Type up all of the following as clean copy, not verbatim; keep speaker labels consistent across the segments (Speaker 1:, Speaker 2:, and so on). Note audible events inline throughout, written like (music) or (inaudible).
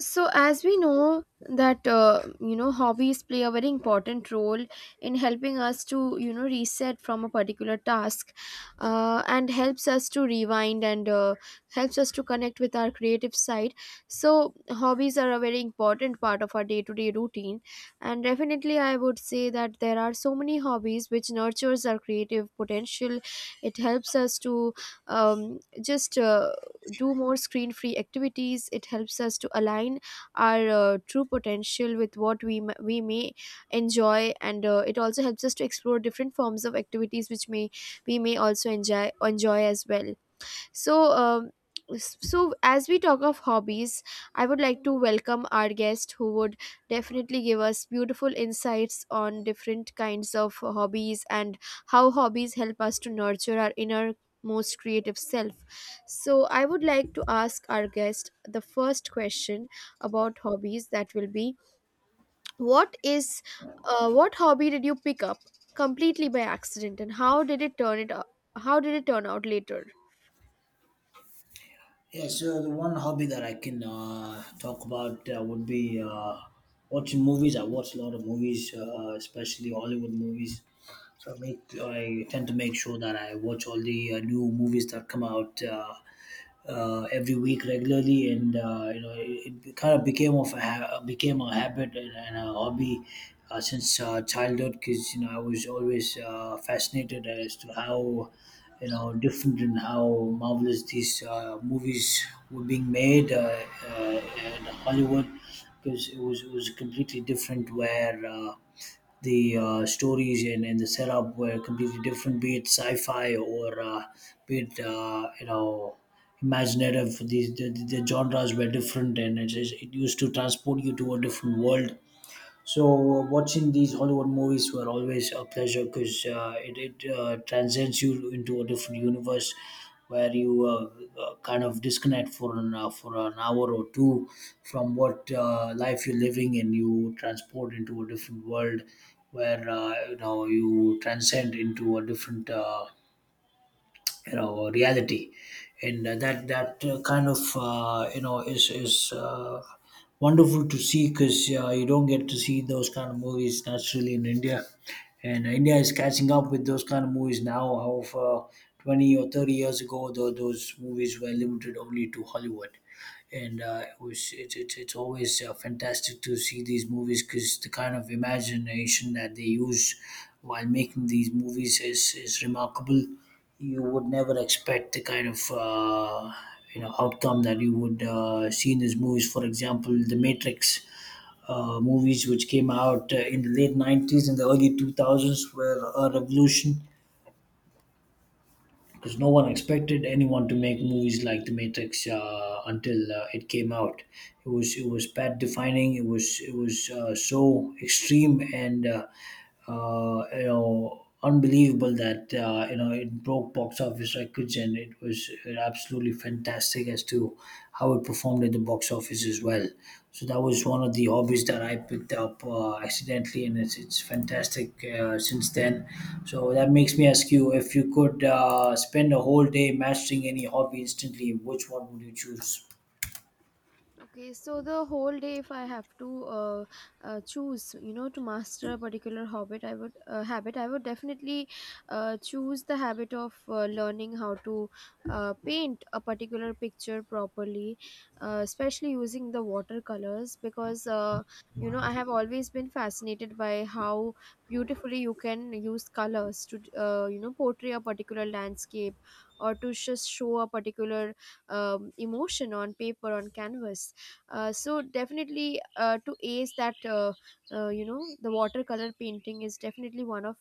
Speaker 1: So as we know that hobbies play a very important role in helping us to reset from a particular task and helps us to rewind and helps us to connect with our creative side. So hobbies are a very important part of our day-to-day routine, and definitely I would say that there are so many hobbies which nurtures our creative potential. It helps us to just do more screen free activities. It helps us to align our true potential with what we may enjoy, and it also helps us to explore different forms of activities which may we may also enjoy as well. So, um, s- so as we talk of hobbies, I would like to welcome our guest who would definitely give us beautiful insights on different kinds of hobbies and how hobbies help us to nurture our inner most creative self. So, I would like to ask our guest the first question about hobbies. That will be, what is, what hobby did you pick up completely by accident and how did it how did it turn out later?
Speaker 2: Yeah, so the one hobby that I can talk about would be watching movies. I watch a lot of movies, especially Hollywood movies. So I tend to make sure that I watch all the new movies that come out every week regularly, and you know it kind of became a habit and a hobby since childhood because you know I was always fascinated as to how you know different and how marvelous these movies were being made in Hollywood because it was completely different where the stories and the setup were completely different, be it sci-fi or be it you know imaginative. These the, the the genres were different and it used to transport you to a different world. So watching these Hollywood movies were always a pleasure because it, it transcends you into a different universe where you kind of disconnect for an hour or two from what life you're living, and you transport into a different world where you know you transcend into a different you know reality. And that that kind of you know is wonderful to see because you don't get to see those kind of movies naturally in India, and India is catching up with those kind of movies now. However, 20 or 30 years ago, though those movies were limited only to Hollywood, and it was it's always fantastic to see these movies because the kind of imagination that they use while making these movies is remarkable. You would never expect the kind of you know outcome that you would see in these movies. For example, The Matrix. Movies which came out in the late 90s and the early 2000s were a revolution because no one expected anyone to make movies like The Matrix until it came out. It was path defining. It was so extreme and you know unbelievable that you know it broke box office records, and it absolutely absolutely fantastic as to how it performed at the box office as well. So that was one of the hobbies that I picked up accidentally, and it's fantastic since then. So that makes me ask you, if you could spend a whole day mastering any hobby instantly, which one would you choose?
Speaker 1: Okay, so the whole day, if I have to uh, choose, you know, to master a particular habit, I would I would definitely choose the habit of learning how to paint a particular picture properly, especially using the watercolors. Because you know I have always been fascinated by how beautifully you can use colors to, you know, portray a particular landscape or to just show a particular emotion on paper on canvas. So definitely to ace that, you know, the watercolor painting is definitely one of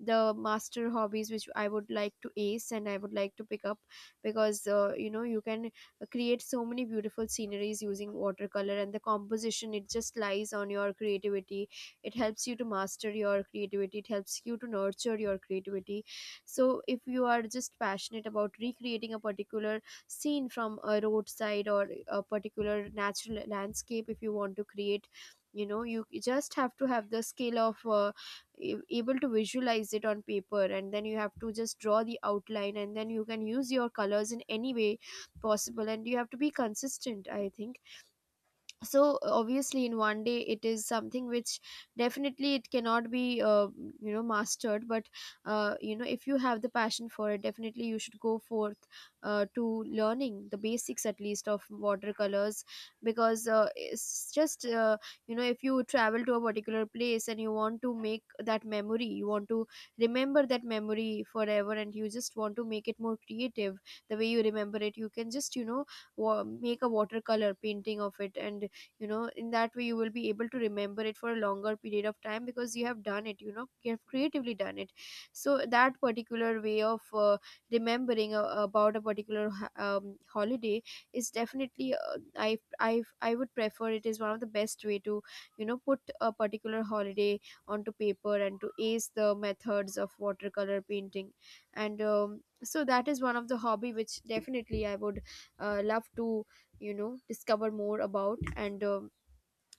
Speaker 1: the master hobbies which I would like to ace and I would like to pick up. Because you know you can create so many beautiful sceneries using watercolor, and the composition, it just lies on your creativity. It helps you to master your creativity, it helps you to nurture your creativity. So if you are just passionate about recreating a particular scene from a roadside or a particular natural landscape, if you want to create, you know, you just have to have the skill of able to visualize it on paper, and then you have to just draw the outline and then you can use your colors in any way possible, and you have to be consistent, I think. So obviously in one day it is something which definitely it cannot be you know mastered. But you know if you have the passion for it, definitely you should go forth to learning the basics at least of watercolors. Because it's just, you know, if you travel to a particular place and you want to make that memory, you want to remember that memory forever and you just want to make it more creative the way you remember it, you can just, you know, make a watercolor painting of it, and, you know, in that way you will be able to remember it for a longer period of time because you have done it, you know, you have creatively done it. So that particular way of remembering about a particular holiday is definitely, i I would prefer, it is one of the best way to, you know, put a particular holiday onto paper and to ace the methods of watercolor painting. And so that is one of the hobby which definitely I would love to, you know, discover more about. And uh,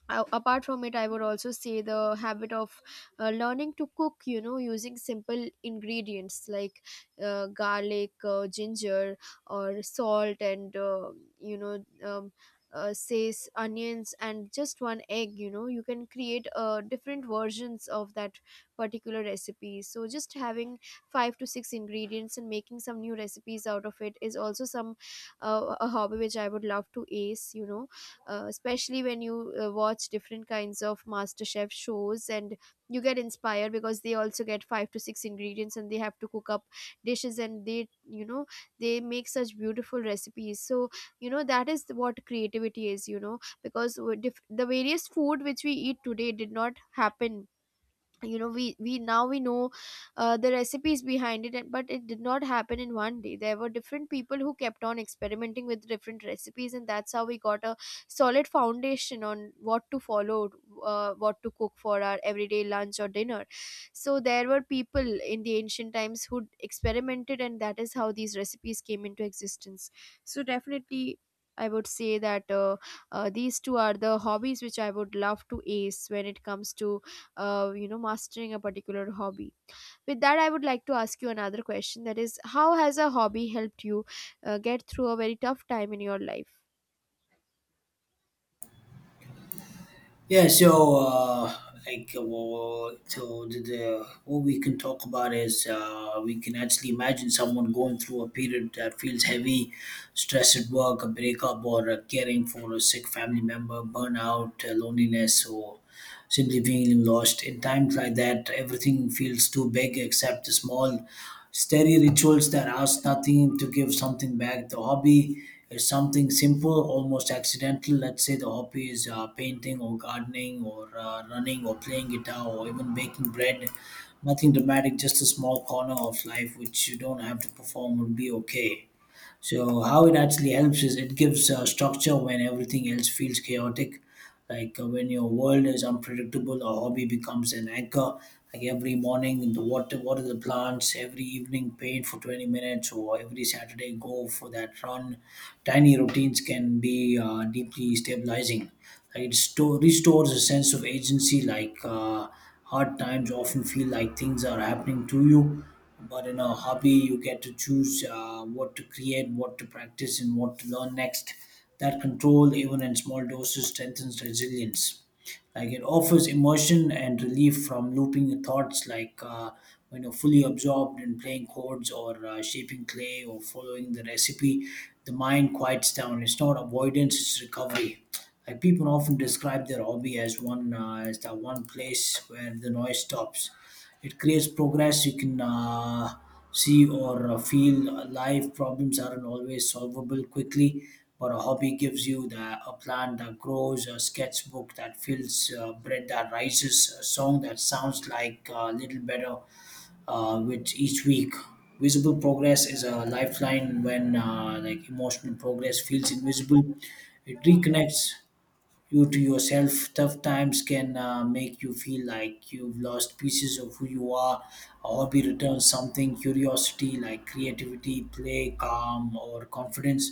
Speaker 1: a- apart from it, I would also say the habit of learning to cook, you know, using simple ingredients like garlic, ginger or salt and you know um, says onions and just one egg, you know, you can create different versions of that particular recipe. So just having five to six ingredients and making some new recipes out of it is also some, a hobby which I would love to ace, you know. Especially when you watch different kinds of master chef shows and you get inspired, because they also get five to six ingredients and they have to cook up dishes, and they, you know, they make such beautiful recipes. So, you know, that is what creativity is, you know, because the various food which we eat today did not happen, you know, we now we know the recipes behind it, but it did not happen in one day. There were different people who kept on experimenting with different recipes and that's how we got a solid foundation on what to follow, what to cook for our everyday lunch or dinner. So there were people in the ancient times who experimented and that is how these recipes came into existence. So definitely I would say that these two are the hobbies which I would love to ace when it comes to you know mastering a particular hobby. With that I would like to ask you another question, that is, how has a hobby helped you get through a very tough time in your life?
Speaker 2: Yeah, so so the what we can talk about is we can actually imagine someone going through a period that feels heavy, stress at work, a breakup, or caring for a sick family member, burnout, loneliness. So simply feeling lost. In times like that, everything feels too big except the small, steady rituals that ask nothing to give something back. The hobby is something simple, almost accidental. Let's say the hobby is painting or gardening or running or playing guitar or even baking bread. Nothing dramatic, just a small corner of life which you don't have to perform would be okay. So how it actually helps is it gives structure when everything else feels chaotic. When your world is unpredictable, a hobby becomes an anchor. Like every morning, water the plants. Every evening, paint for 20 minutes, or every Saturday, go for that run. Tiny routines can be deeply stabilizing. Like restores a sense of agency. Hard times often feel like things are happening to you, but in a hobby you get to choose what to create, what to practice, and what to learn next. That control, even in small doses, strengthens resilience. Like it offers immersion and relief from looping thoughts. When you're fully absorbed in playing chords or shaping clay or following the recipe, the mind quiets down. It's not avoidance; it's recovery. Like people often describe their hobby as one as that one place where the noise stops. It creates progress you can see or feel. Life problems aren't always solvable quickly, but a hobby gives you a plant that grows, a sketchbook that fills, bread that rises, a song that sounds like a little better with each week. Visible progress is a lifeline when emotional progress feels invisible. It reconnects you to yourself. Tough times can make you feel like you've lost pieces of who you are. A hobby returns something, curiosity, like creativity, play, calm, or confidence.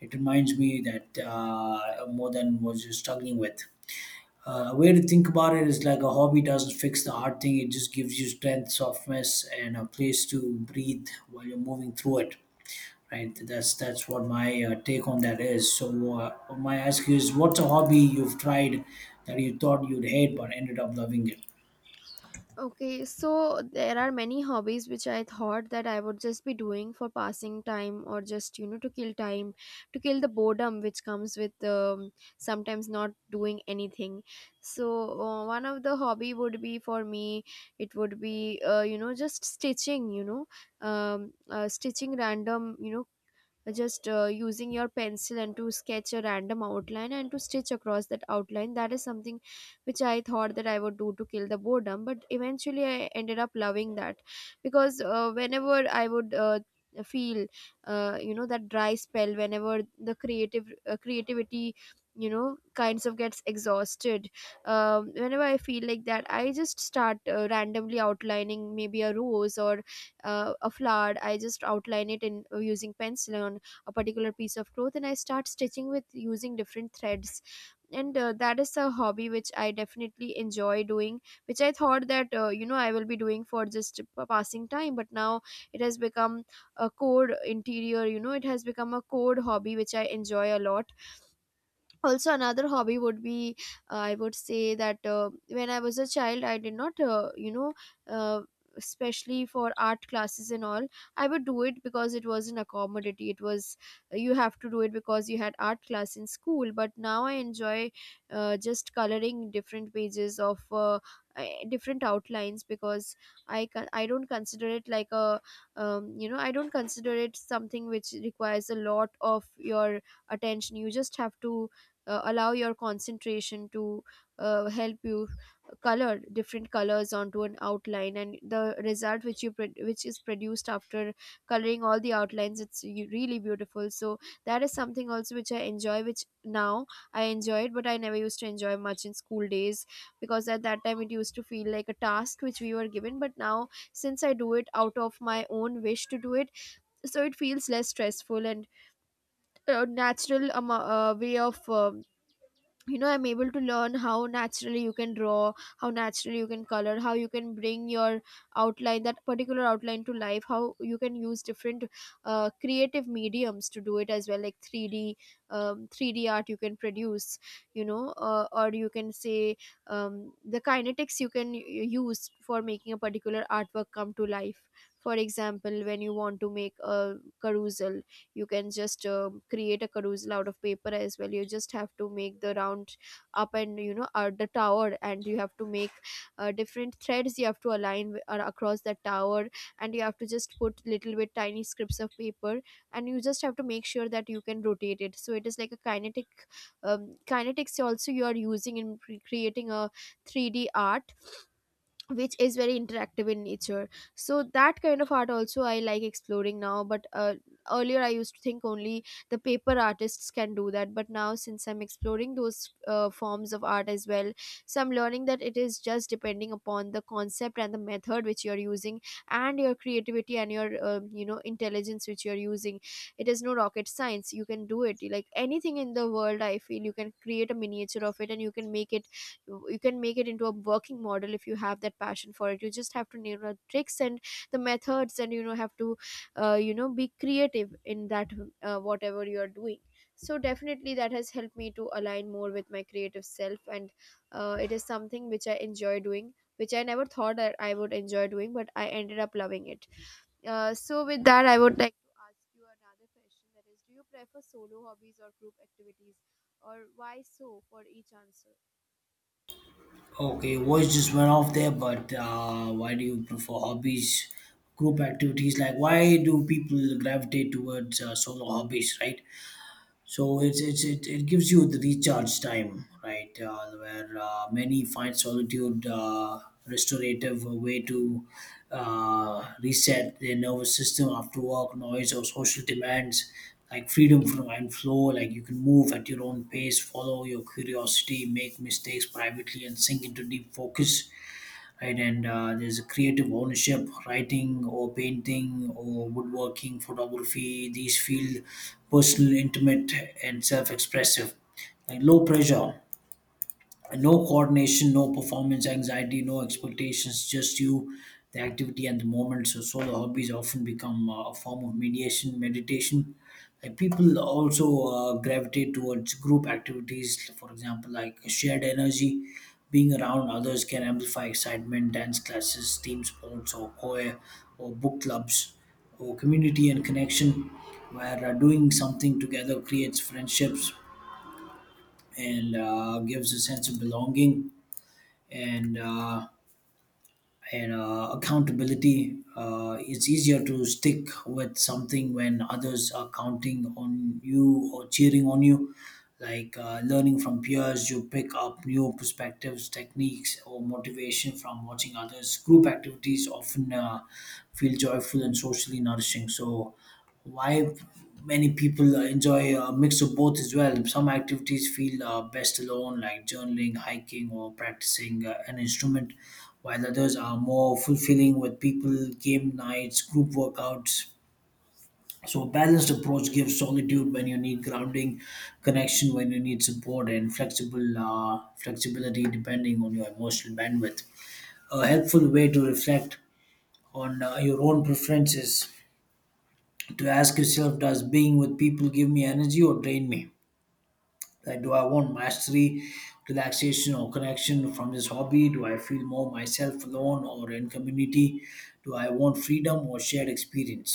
Speaker 2: It reminds me that more than what you're struggling with. A way to think about it is like a hobby doesn't fix the hard thing, it just gives you strength, softness, and a place to breathe while you're moving through it. Right, that's what my take on that is. So, my ask is, what's a hobby you've tried that you thought you'd hate but ended up loving it?
Speaker 1: Okay, so there are many hobbies which I thought that I would just be doing for passing time, or just, you know, to kill time, to kill the boredom which comes with, sometimes not doing anything. So, one of the hobby would be for me, it would be, you know, just stitching, you know, stitching random, you know, just using your pencil and to sketch a random outline and to stitch across that outline, that is something which I thought that I would do to kill the boredom, but eventually I ended up loving that. Because whenever I would feel you know that dry spell, whenever the creative creativity, you know, kinds of gets exhausted, whenever I feel like that, I just start randomly outlining maybe a rose or a flower, I just outline it in, using pencil on a particular piece of cloth, and I start stitching with using different threads. And that is a hobby which I definitely enjoy doing, which I thought that, you know, I will be doing for just passing time, but now it has become a core interior, you know, it has become a core hobby which I enjoy a lot. Also, another hobby would be, I would say that when I was a child I did not, you know, uh, especially for art classes and all, I would do it because it was an accommodity, it was, you have to do it because you had art class in school. But now I enjoy just coloring different pages of uh, different outlines, because I don't consider it like a, you know, I don't consider it something which requires a lot of your attention. You just have to allow your concentration to help you color different colors onto an outline, and the result which which is produced after coloring all the outlines, it's really beautiful. So that is something also which I enjoy, which now I enjoy it, but I never used to enjoy much in school days, because at that time it used to feel like a task which we were given. But now since I do it out of my own wish to do it, so it feels less stressful and natural way of you know I'm able to learn how naturally you can draw, how naturally you can color, how you can bring your outline, that particular outline, to life, how you can use different creative mediums to do it as well, like 3D, 3D art you can produce, you know, or you can say, the kinetics you can use for making a particular artwork come to life. For example, when you want to make a carousel, you can just, create a carousel out of paper as well. You just have to make the round up and, you know, the tower, and you have to make different threads, you have to align across that tower, and you have to just put little bit tiny strips of paper, and you just have to make sure that you can rotate it so it is like a kinetic kinetics also you are using in creating a 3D art which is very interactive in nature. So that kind of art also I like exploring now. But earlier I used to think only the paper artists can do that, but now since I'm exploring those forms of art as well. So I'm learning that it is just depending upon the concept and the method which you're using, and your creativity and your intelligence which you're using. It is no rocket science. You can do it like anything in the world, I feel. You can create a miniature of it and you can make it. You can make it into a working model if you have that passion for it. You just have to know the tricks and the methods, and have to be creative in that, whatever you are doing. So definitely that has helped me to align more with my creative self. And it is something which I enjoy doing, which I never thought that I would enjoy doing, but I ended up loving it. So with that, I would like to ask you another question, that is, do you prefer solo hobbies or group activities, or why so for each answer?
Speaker 2: Okay, voice just went off there, but why do you prefer hobbies, group activities? Like, why do people gravitate towards solo hobbies, right? So it gives you the recharge time, right? Where Many find solitude restorative, a way to reset their nervous system after work noise or social demands, like freedom from and flow. Like you can move at your own pace, follow your curiosity, make mistakes privately, and sink into deep focus, right? And there's a creative ownership, writing or painting or woodworking, photography. These feel personal, intimate, and self-expressive. Like low pressure, no coordination, no performance anxiety, no expectations, just you, the activity, and the moment. So, solo hobbies often become a form of mediation, meditation. Like people also gravitate towards group activities, for example, like shared energy. Being around others can amplify excitement, dance classes, team sports, or choir, or book clubs, or community and connection, where doing something together creates friendships and gives a sense of belonging and uh, and accountability. It's easier to stick with something when others are counting on you or cheering on you. Learning from peers, you pick up new perspectives, techniques, or motivation from watching others. Group activities often feel joyful and socially nourishing. So, why many people enjoy a mix of both as well. Some activities feel best alone, like journaling, hiking, or practicing an instrument, while others are more fulfilling with people, game nights, group workouts. So, a balanced approach gives solitude when you need grounding, connection when you need support, and flexible flexibility depending on your emotional bandwidth. A helpful way to reflect on your own preferences, to ask yourself, does being with people give me energy or drain me? Like Do I want mastery, relaxation, or connection from this hobby? Do I feel more myself alone or in community? Do I want freedom or shared experience?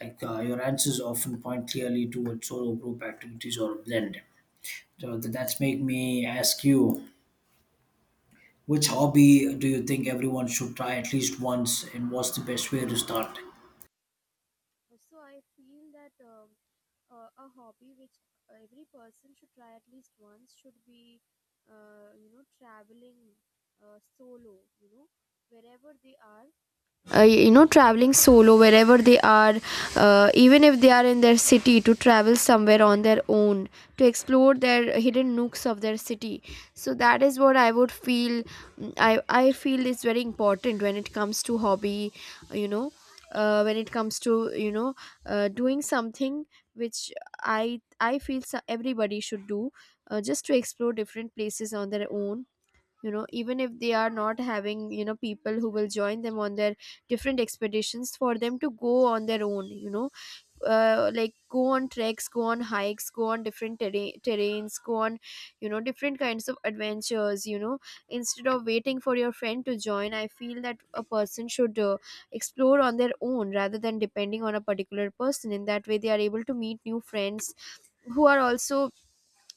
Speaker 2: Your answers often point clearly towards solo group activities or a blend. So that's make me ask you, which hobby do you think everyone should try at least once, and what's the best way to start?
Speaker 1: So I feel that a hobby which every person should try at least once should be, traveling solo. You know, wherever they are, traveling solo wherever they are, even if they are in their city, to travel somewhere on their own, to explore their hidden nooks of their city. So that is what I would feel, I feel, is very important when it comes to hobby. you know when it comes to doing something which i I feel, so, everybody should do, just to explore different places on their own. You know, even if they are not having people who will join them on their different expeditions, for them to go on their own, like go on treks, go on hikes, go on different terrains, go on different kinds of adventures. Instead of waiting for your friend to join, I feel that a person should explore on their own rather than depending on a particular person. In that way they are able to meet new friends who are also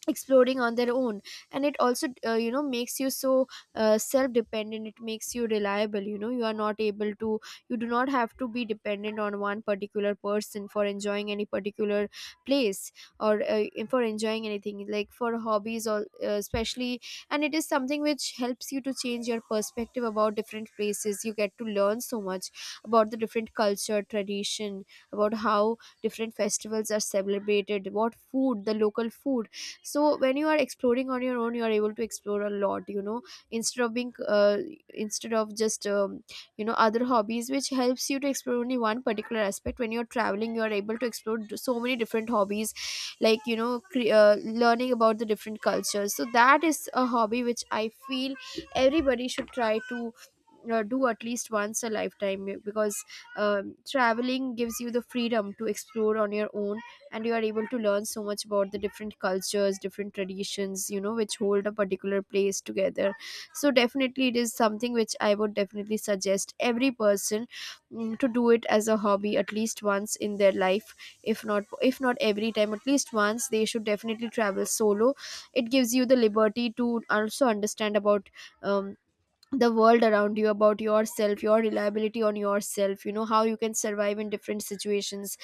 Speaker 1: exploring on their own. And it also makes you so self dependent. It makes you reliable. You know, you are not able to, you do not have to be dependent on one particular person for enjoying any particular place, or for enjoying anything, like for hobbies, or especially. And it is something which helps you to change your perspective about different places. You get to learn so much about the different culture, tradition, about how different festivals are celebrated, what food, the local food. So when you are exploring on your own, you are able to explore a lot. You know, instead of being instead of just you know, other hobbies which helps you to explore only one particular aspect, when you're traveling you are able to explore so many different hobbies, like, you know, learning about the different cultures. So that is a hobby which I feel everybody should try to do at least once a lifetime, because traveling gives you the freedom to explore on your own, and you are able to learn so much about the different cultures, different traditions, you know, which hold a particular place together. So definitely it is something which I would definitely suggest every person, to do it as a hobby at least once in their life. If not, if not every time, at least once they should definitely travel solo. It gives you the liberty to also understand about um, the world around you, about yourself, your reliability on yourself, you know, how you can survive in different situations.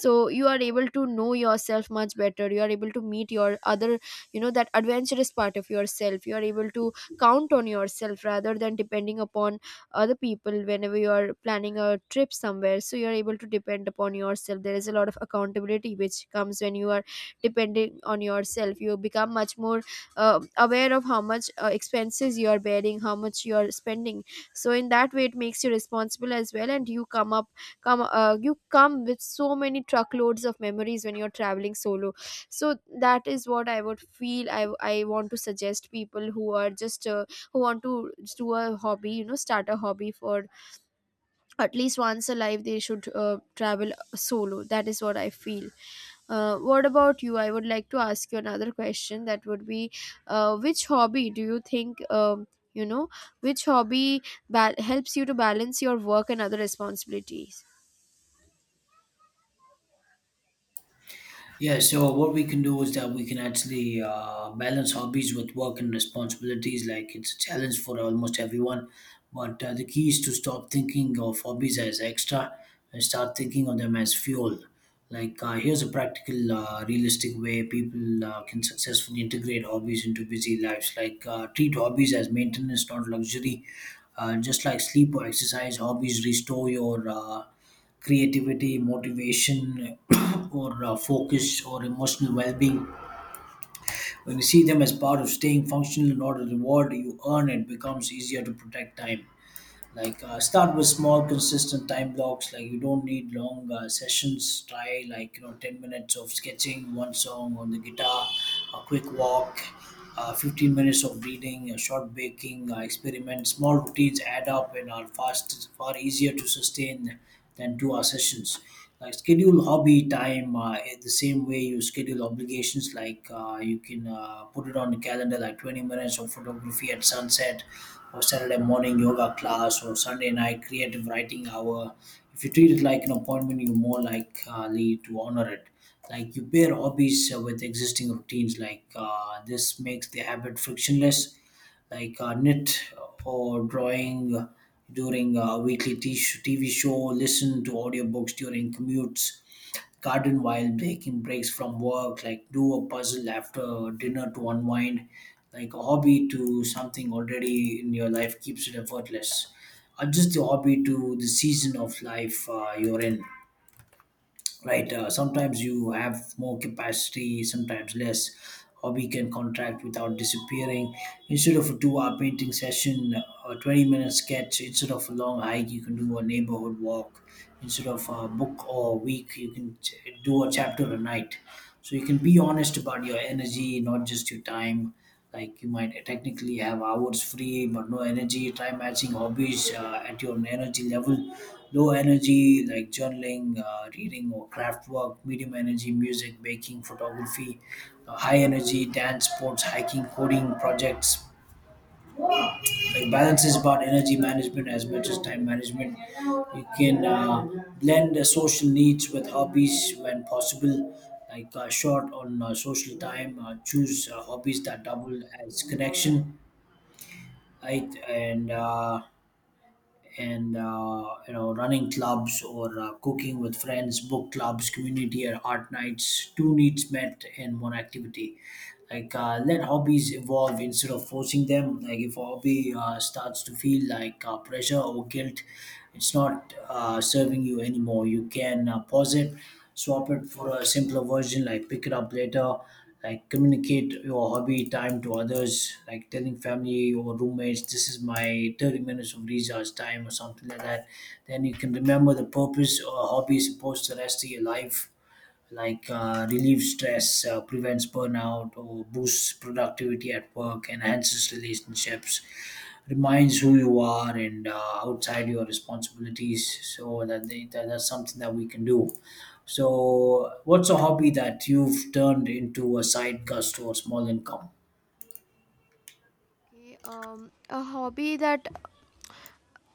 Speaker 1: So you are able to know yourself much better. You are able to meet your other, you know, that adventurous part of yourself. You are able to count on yourself rather than depending upon other people whenever you are planning a trip somewhere. So you are able to depend upon yourself. There is a lot of accountability which comes when you are depending on yourself. You become much more aware of how much expenses you are bearing, how much you are spending. So in that way it makes you responsible as well. And you come up, come you come with so many truckloads of memories when you're traveling solo. So that is what I would feel. I want to suggest people who are just who want to do a hobby, you know, start a hobby, for at least once a life they should travel solo. That is what I feel. What about you? I would like to ask you another question. That would be, which hobby do you think, you know, which hobby helps you to balance your work and other responsibilities?
Speaker 2: Yeah, so what we can do is that we can actually balance hobbies with work and responsibilities. Like it's a challenge for almost everyone, but the key is to stop thinking of hobbies as extra and start thinking of them as fuel. Here's a practical, realistic way people can successfully integrate hobbies into busy lives. Treat hobbies as maintenance, not luxury. Just like sleep or exercise, hobbies restore your creativity, motivation, (coughs) (clears throat) or focus or emotional well-being. When you see them as part of staying functional, not a reward you earn, it becomes easier to protect time. Start with small, consistent time blocks. Like you don't need long sessions. Try, like, you know, 10 minutes of sketching, one song on the guitar, a quick walk, 15 minutes of reading, a short baking experiment. Small routines add up and are fast far easier to sustain than 2 hour sessions. Like schedule hobby time in the same way you schedule obligations. You can put it on the calendar, like 20 minutes of photography at sunset, or Saturday morning yoga class, or Sunday night creative writing hour. If you treat it like an appointment, you're more likely to honor it. Like you pair hobbies with existing routines. This makes the habit frictionless. Knit or drawing during a weekly TV show, listen to audiobooks during commutes, garden while taking breaks from work, like do a puzzle after dinner to unwind. Like a hobby to something already in your life keeps it effortless. Adjust your hobby to the season of life you're in, right? Sometimes you have more capacity, sometimes less. Hobby can contract without disappearing. Instead of a 2 hour painting session, a 20-minute sketch. Instead of a long hike, you can do a neighborhood walk. Instead of a book or a week, you can do a chapter a night. So you can be honest about your energy, not just your time. Like you might technically have hours free but no energy. Try matching hobbies at your energy level. Low energy, like journaling, reading, or craft work. Medium energy, music, baking, photography. High energy, dance, sports, hiking, coding projects. Like balance is about energy management as much as time management. You can blend the social needs with hobbies when possible. Short on social time, choose hobbies that double as connection, right? And You know, running clubs, or cooking with friends, book clubs, community, or art nights, two needs met in one activity. Let hobbies evolve instead of forcing them. Like if a hobby starts to feel like pressure or guilt, it's not serving you anymore. You can pause it, swap it for a simpler version, like pick it up later. Like communicate your hobby time to others, like telling family or roommates, this is my 30 minutes of recharge time, or something like that. Then you can remember the purpose or hobby is supposed to rest of your life. Relieves stress, prevents burnout, or boosts productivity at work, enhances relationships, reminds who you are, and outside your responsibilities. So that, that's something that we can do. So, what's a hobby that you've turned into a side gust or small income?
Speaker 1: Okay, a hobby that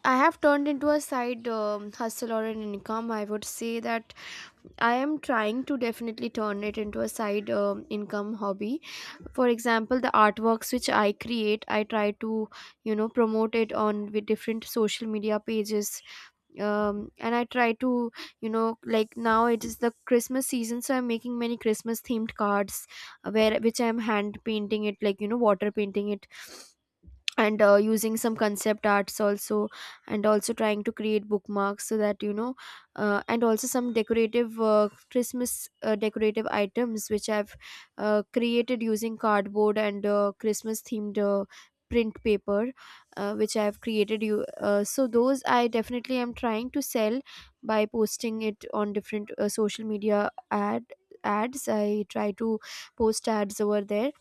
Speaker 1: I have turned into a side hustle or an income. I would say that I am trying to definitely turn it into a side income hobby. For example, the artworks which I create, I try to, you know, promote it on with different social media pages. And I try to, like, now it is the Christmas season, so I'm making many Christmas themed cards, where which I'm hand painting it, like, you know, water painting it, and using some concept arts also, and also trying to create bookmarks so that you know, and also some decorative Christmas decorative items which I've created using cardboard and Christmas themed print paper which I have created. You So those I definitely am trying to sell by posting it on different social media ad ads. I try to post ads over there.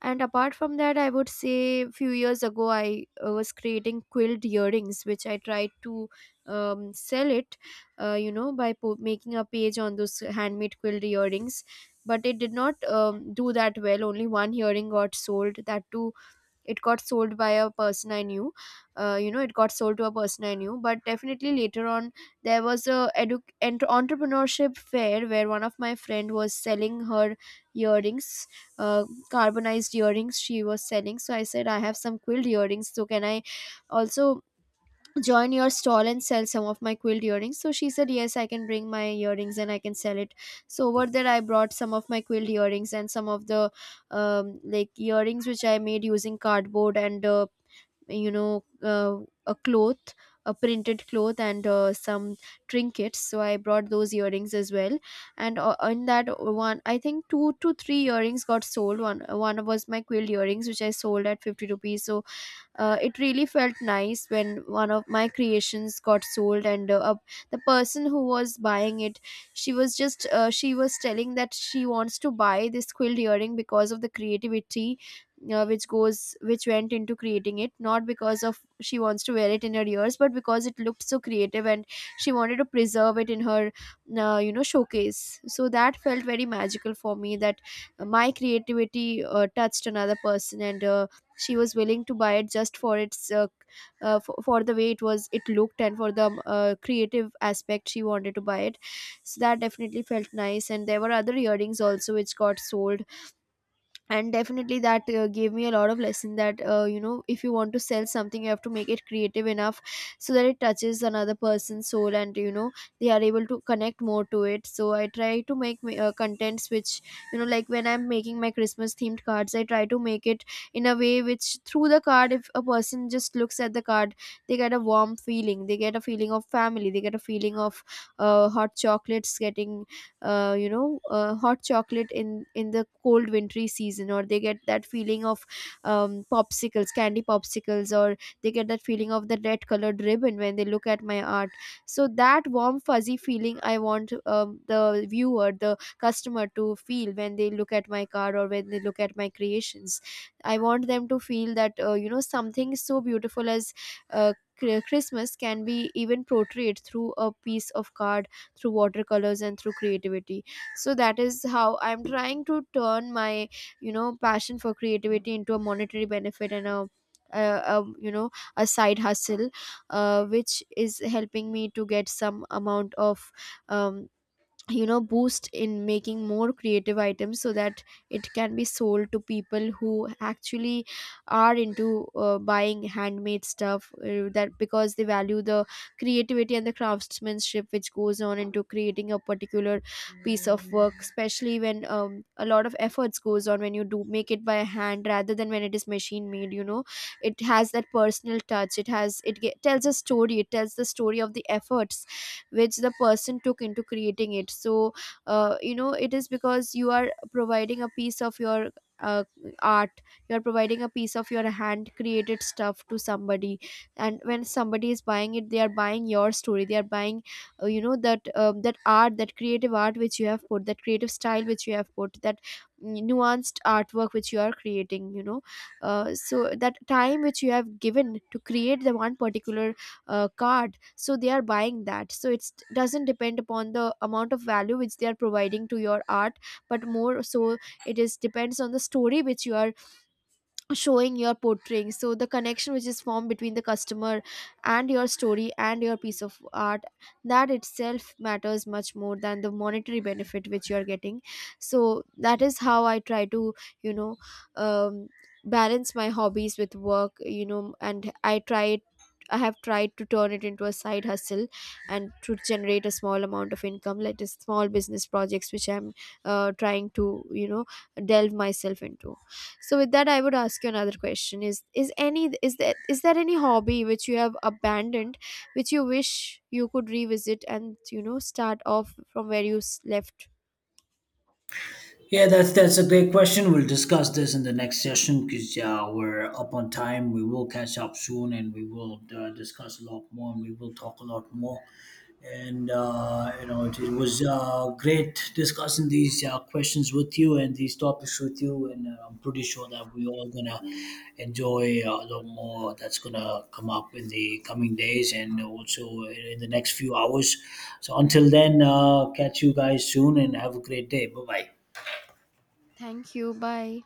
Speaker 1: And apart from that, I would say, few years ago I was creating quilt earrings, which I tried to sell it, by making a page on those handmade quilt earrings. But it did not do that well. Only one earring got sold, that too, it got sold by a person I knew. It got sold to a person I knew. But definitely later on, there was a entrepreneurship fair where one of my friend was selling her earrings, uh, carbonized earrings she was selling. So I said, I have some quilt earrings, so can I also join your stall and sell some of my quilt earrings? So she said yes, I can bring my earrings and I can sell it. So over there I brought some of my quilt earrings and some of the like earrings which I made using cardboard and you know uh, a cloth, a printed cloth, and some trinkets, so I brought those earrings as well. And in that one, I think two to three earrings got sold. One was my quilt earrings, which I sold at 50 rupees. So it really felt nice when one of my creations got sold. And the person who was buying it, she was just she was telling that she wants to buy this quilt earring because of the creativity which went into creating it, not because of she wants to wear it in her ears, but because it looked so creative and she wanted to preserve it in her showcase. So that felt very magical for me, that my creativity touched another person. And she was willing to buy it just for its for the way it was, it looked, and for the creative aspect she wanted to buy it. So that definitely felt nice, and there were other earrings also which got sold. And definitely that gave me a lot of lesson, that if you want to sell something, you have to make it creative enough so that it touches another person's soul, and you know they are able to connect more to it. So I try to make my, contents which, you know, like when I'm making my Christmas themed cards, I try to make it in a way which, through the card, if a person just looks at the card, they get a warm feeling, they get a feeling of family, they get a feeling of hot chocolates getting, hot chocolate in the cold wintry season, or they get that feeling of popsicles, candy popsicles, or they get that feeling of the red colored ribbon when they look at my art. So that warm fuzzy feeling I want, the viewer, the customer to feel when they look at my card or when they look at my creations. I want them to feel that something so beautiful as uh, Christmas can be even portrayed through a piece of card, through watercolors and through creativity. So that is how I'm trying to turn my, you know, passion for creativity into a monetary benefit and a a, you know, a side hustle, which is helping me to get some amount of um, boost in making more creative items, so that it can be sold to people who actually are into buying handmade stuff, that because they value the creativity and the craftsmanship which goes on into creating a particular piece of work, especially when a lot of efforts goes on when you do make it by hand rather than when it is machine made. You know, it has that personal touch, it has, it tells a story. It tells the story of the efforts which the person took into creating it. So it is, because you are providing a piece of your uh, art, you are providing a piece of your hand created stuff to somebody, and when somebody is buying it, they are buying your story. They are buying that that art, that creative art which you have put, that creative style which you have put, that nuanced artwork which you are creating. You know, so that time which you have given to create the one particular card, so they are buying that. So it doesn't depend upon the amount of value which they are providing to your art, but more so, it is, depends on the story which you are showing, your are portraying. So the connection which is formed between the customer and your story and your piece of art, that itself matters much more than the monetary benefit which you're getting. So that is how I try to, you know, um, balance my hobbies with work. You know, and I try, I have tried to turn it into a side hustle and to generate a small amount of income, like the small business projects which I'm trying to, you know, delve myself into. So with that, I would ask you another question: is there, is there any hobby which you have abandoned, which you wish you could revisit and, you know, start off from where you left?
Speaker 2: Yeah, that's a great question. We'll discuss this in the next session because we're up on time. We will catch up soon, and we will discuss a lot more, and we will talk a lot more. And you know, it was great discussing these questions with you and these topics with you. And I'm pretty sure that we all gonna enjoy a lot more that's gonna come up in the coming days and also in the next few hours. So until then, catch you guys soon, and have a great day. Bye bye.
Speaker 1: Thank you. Bye.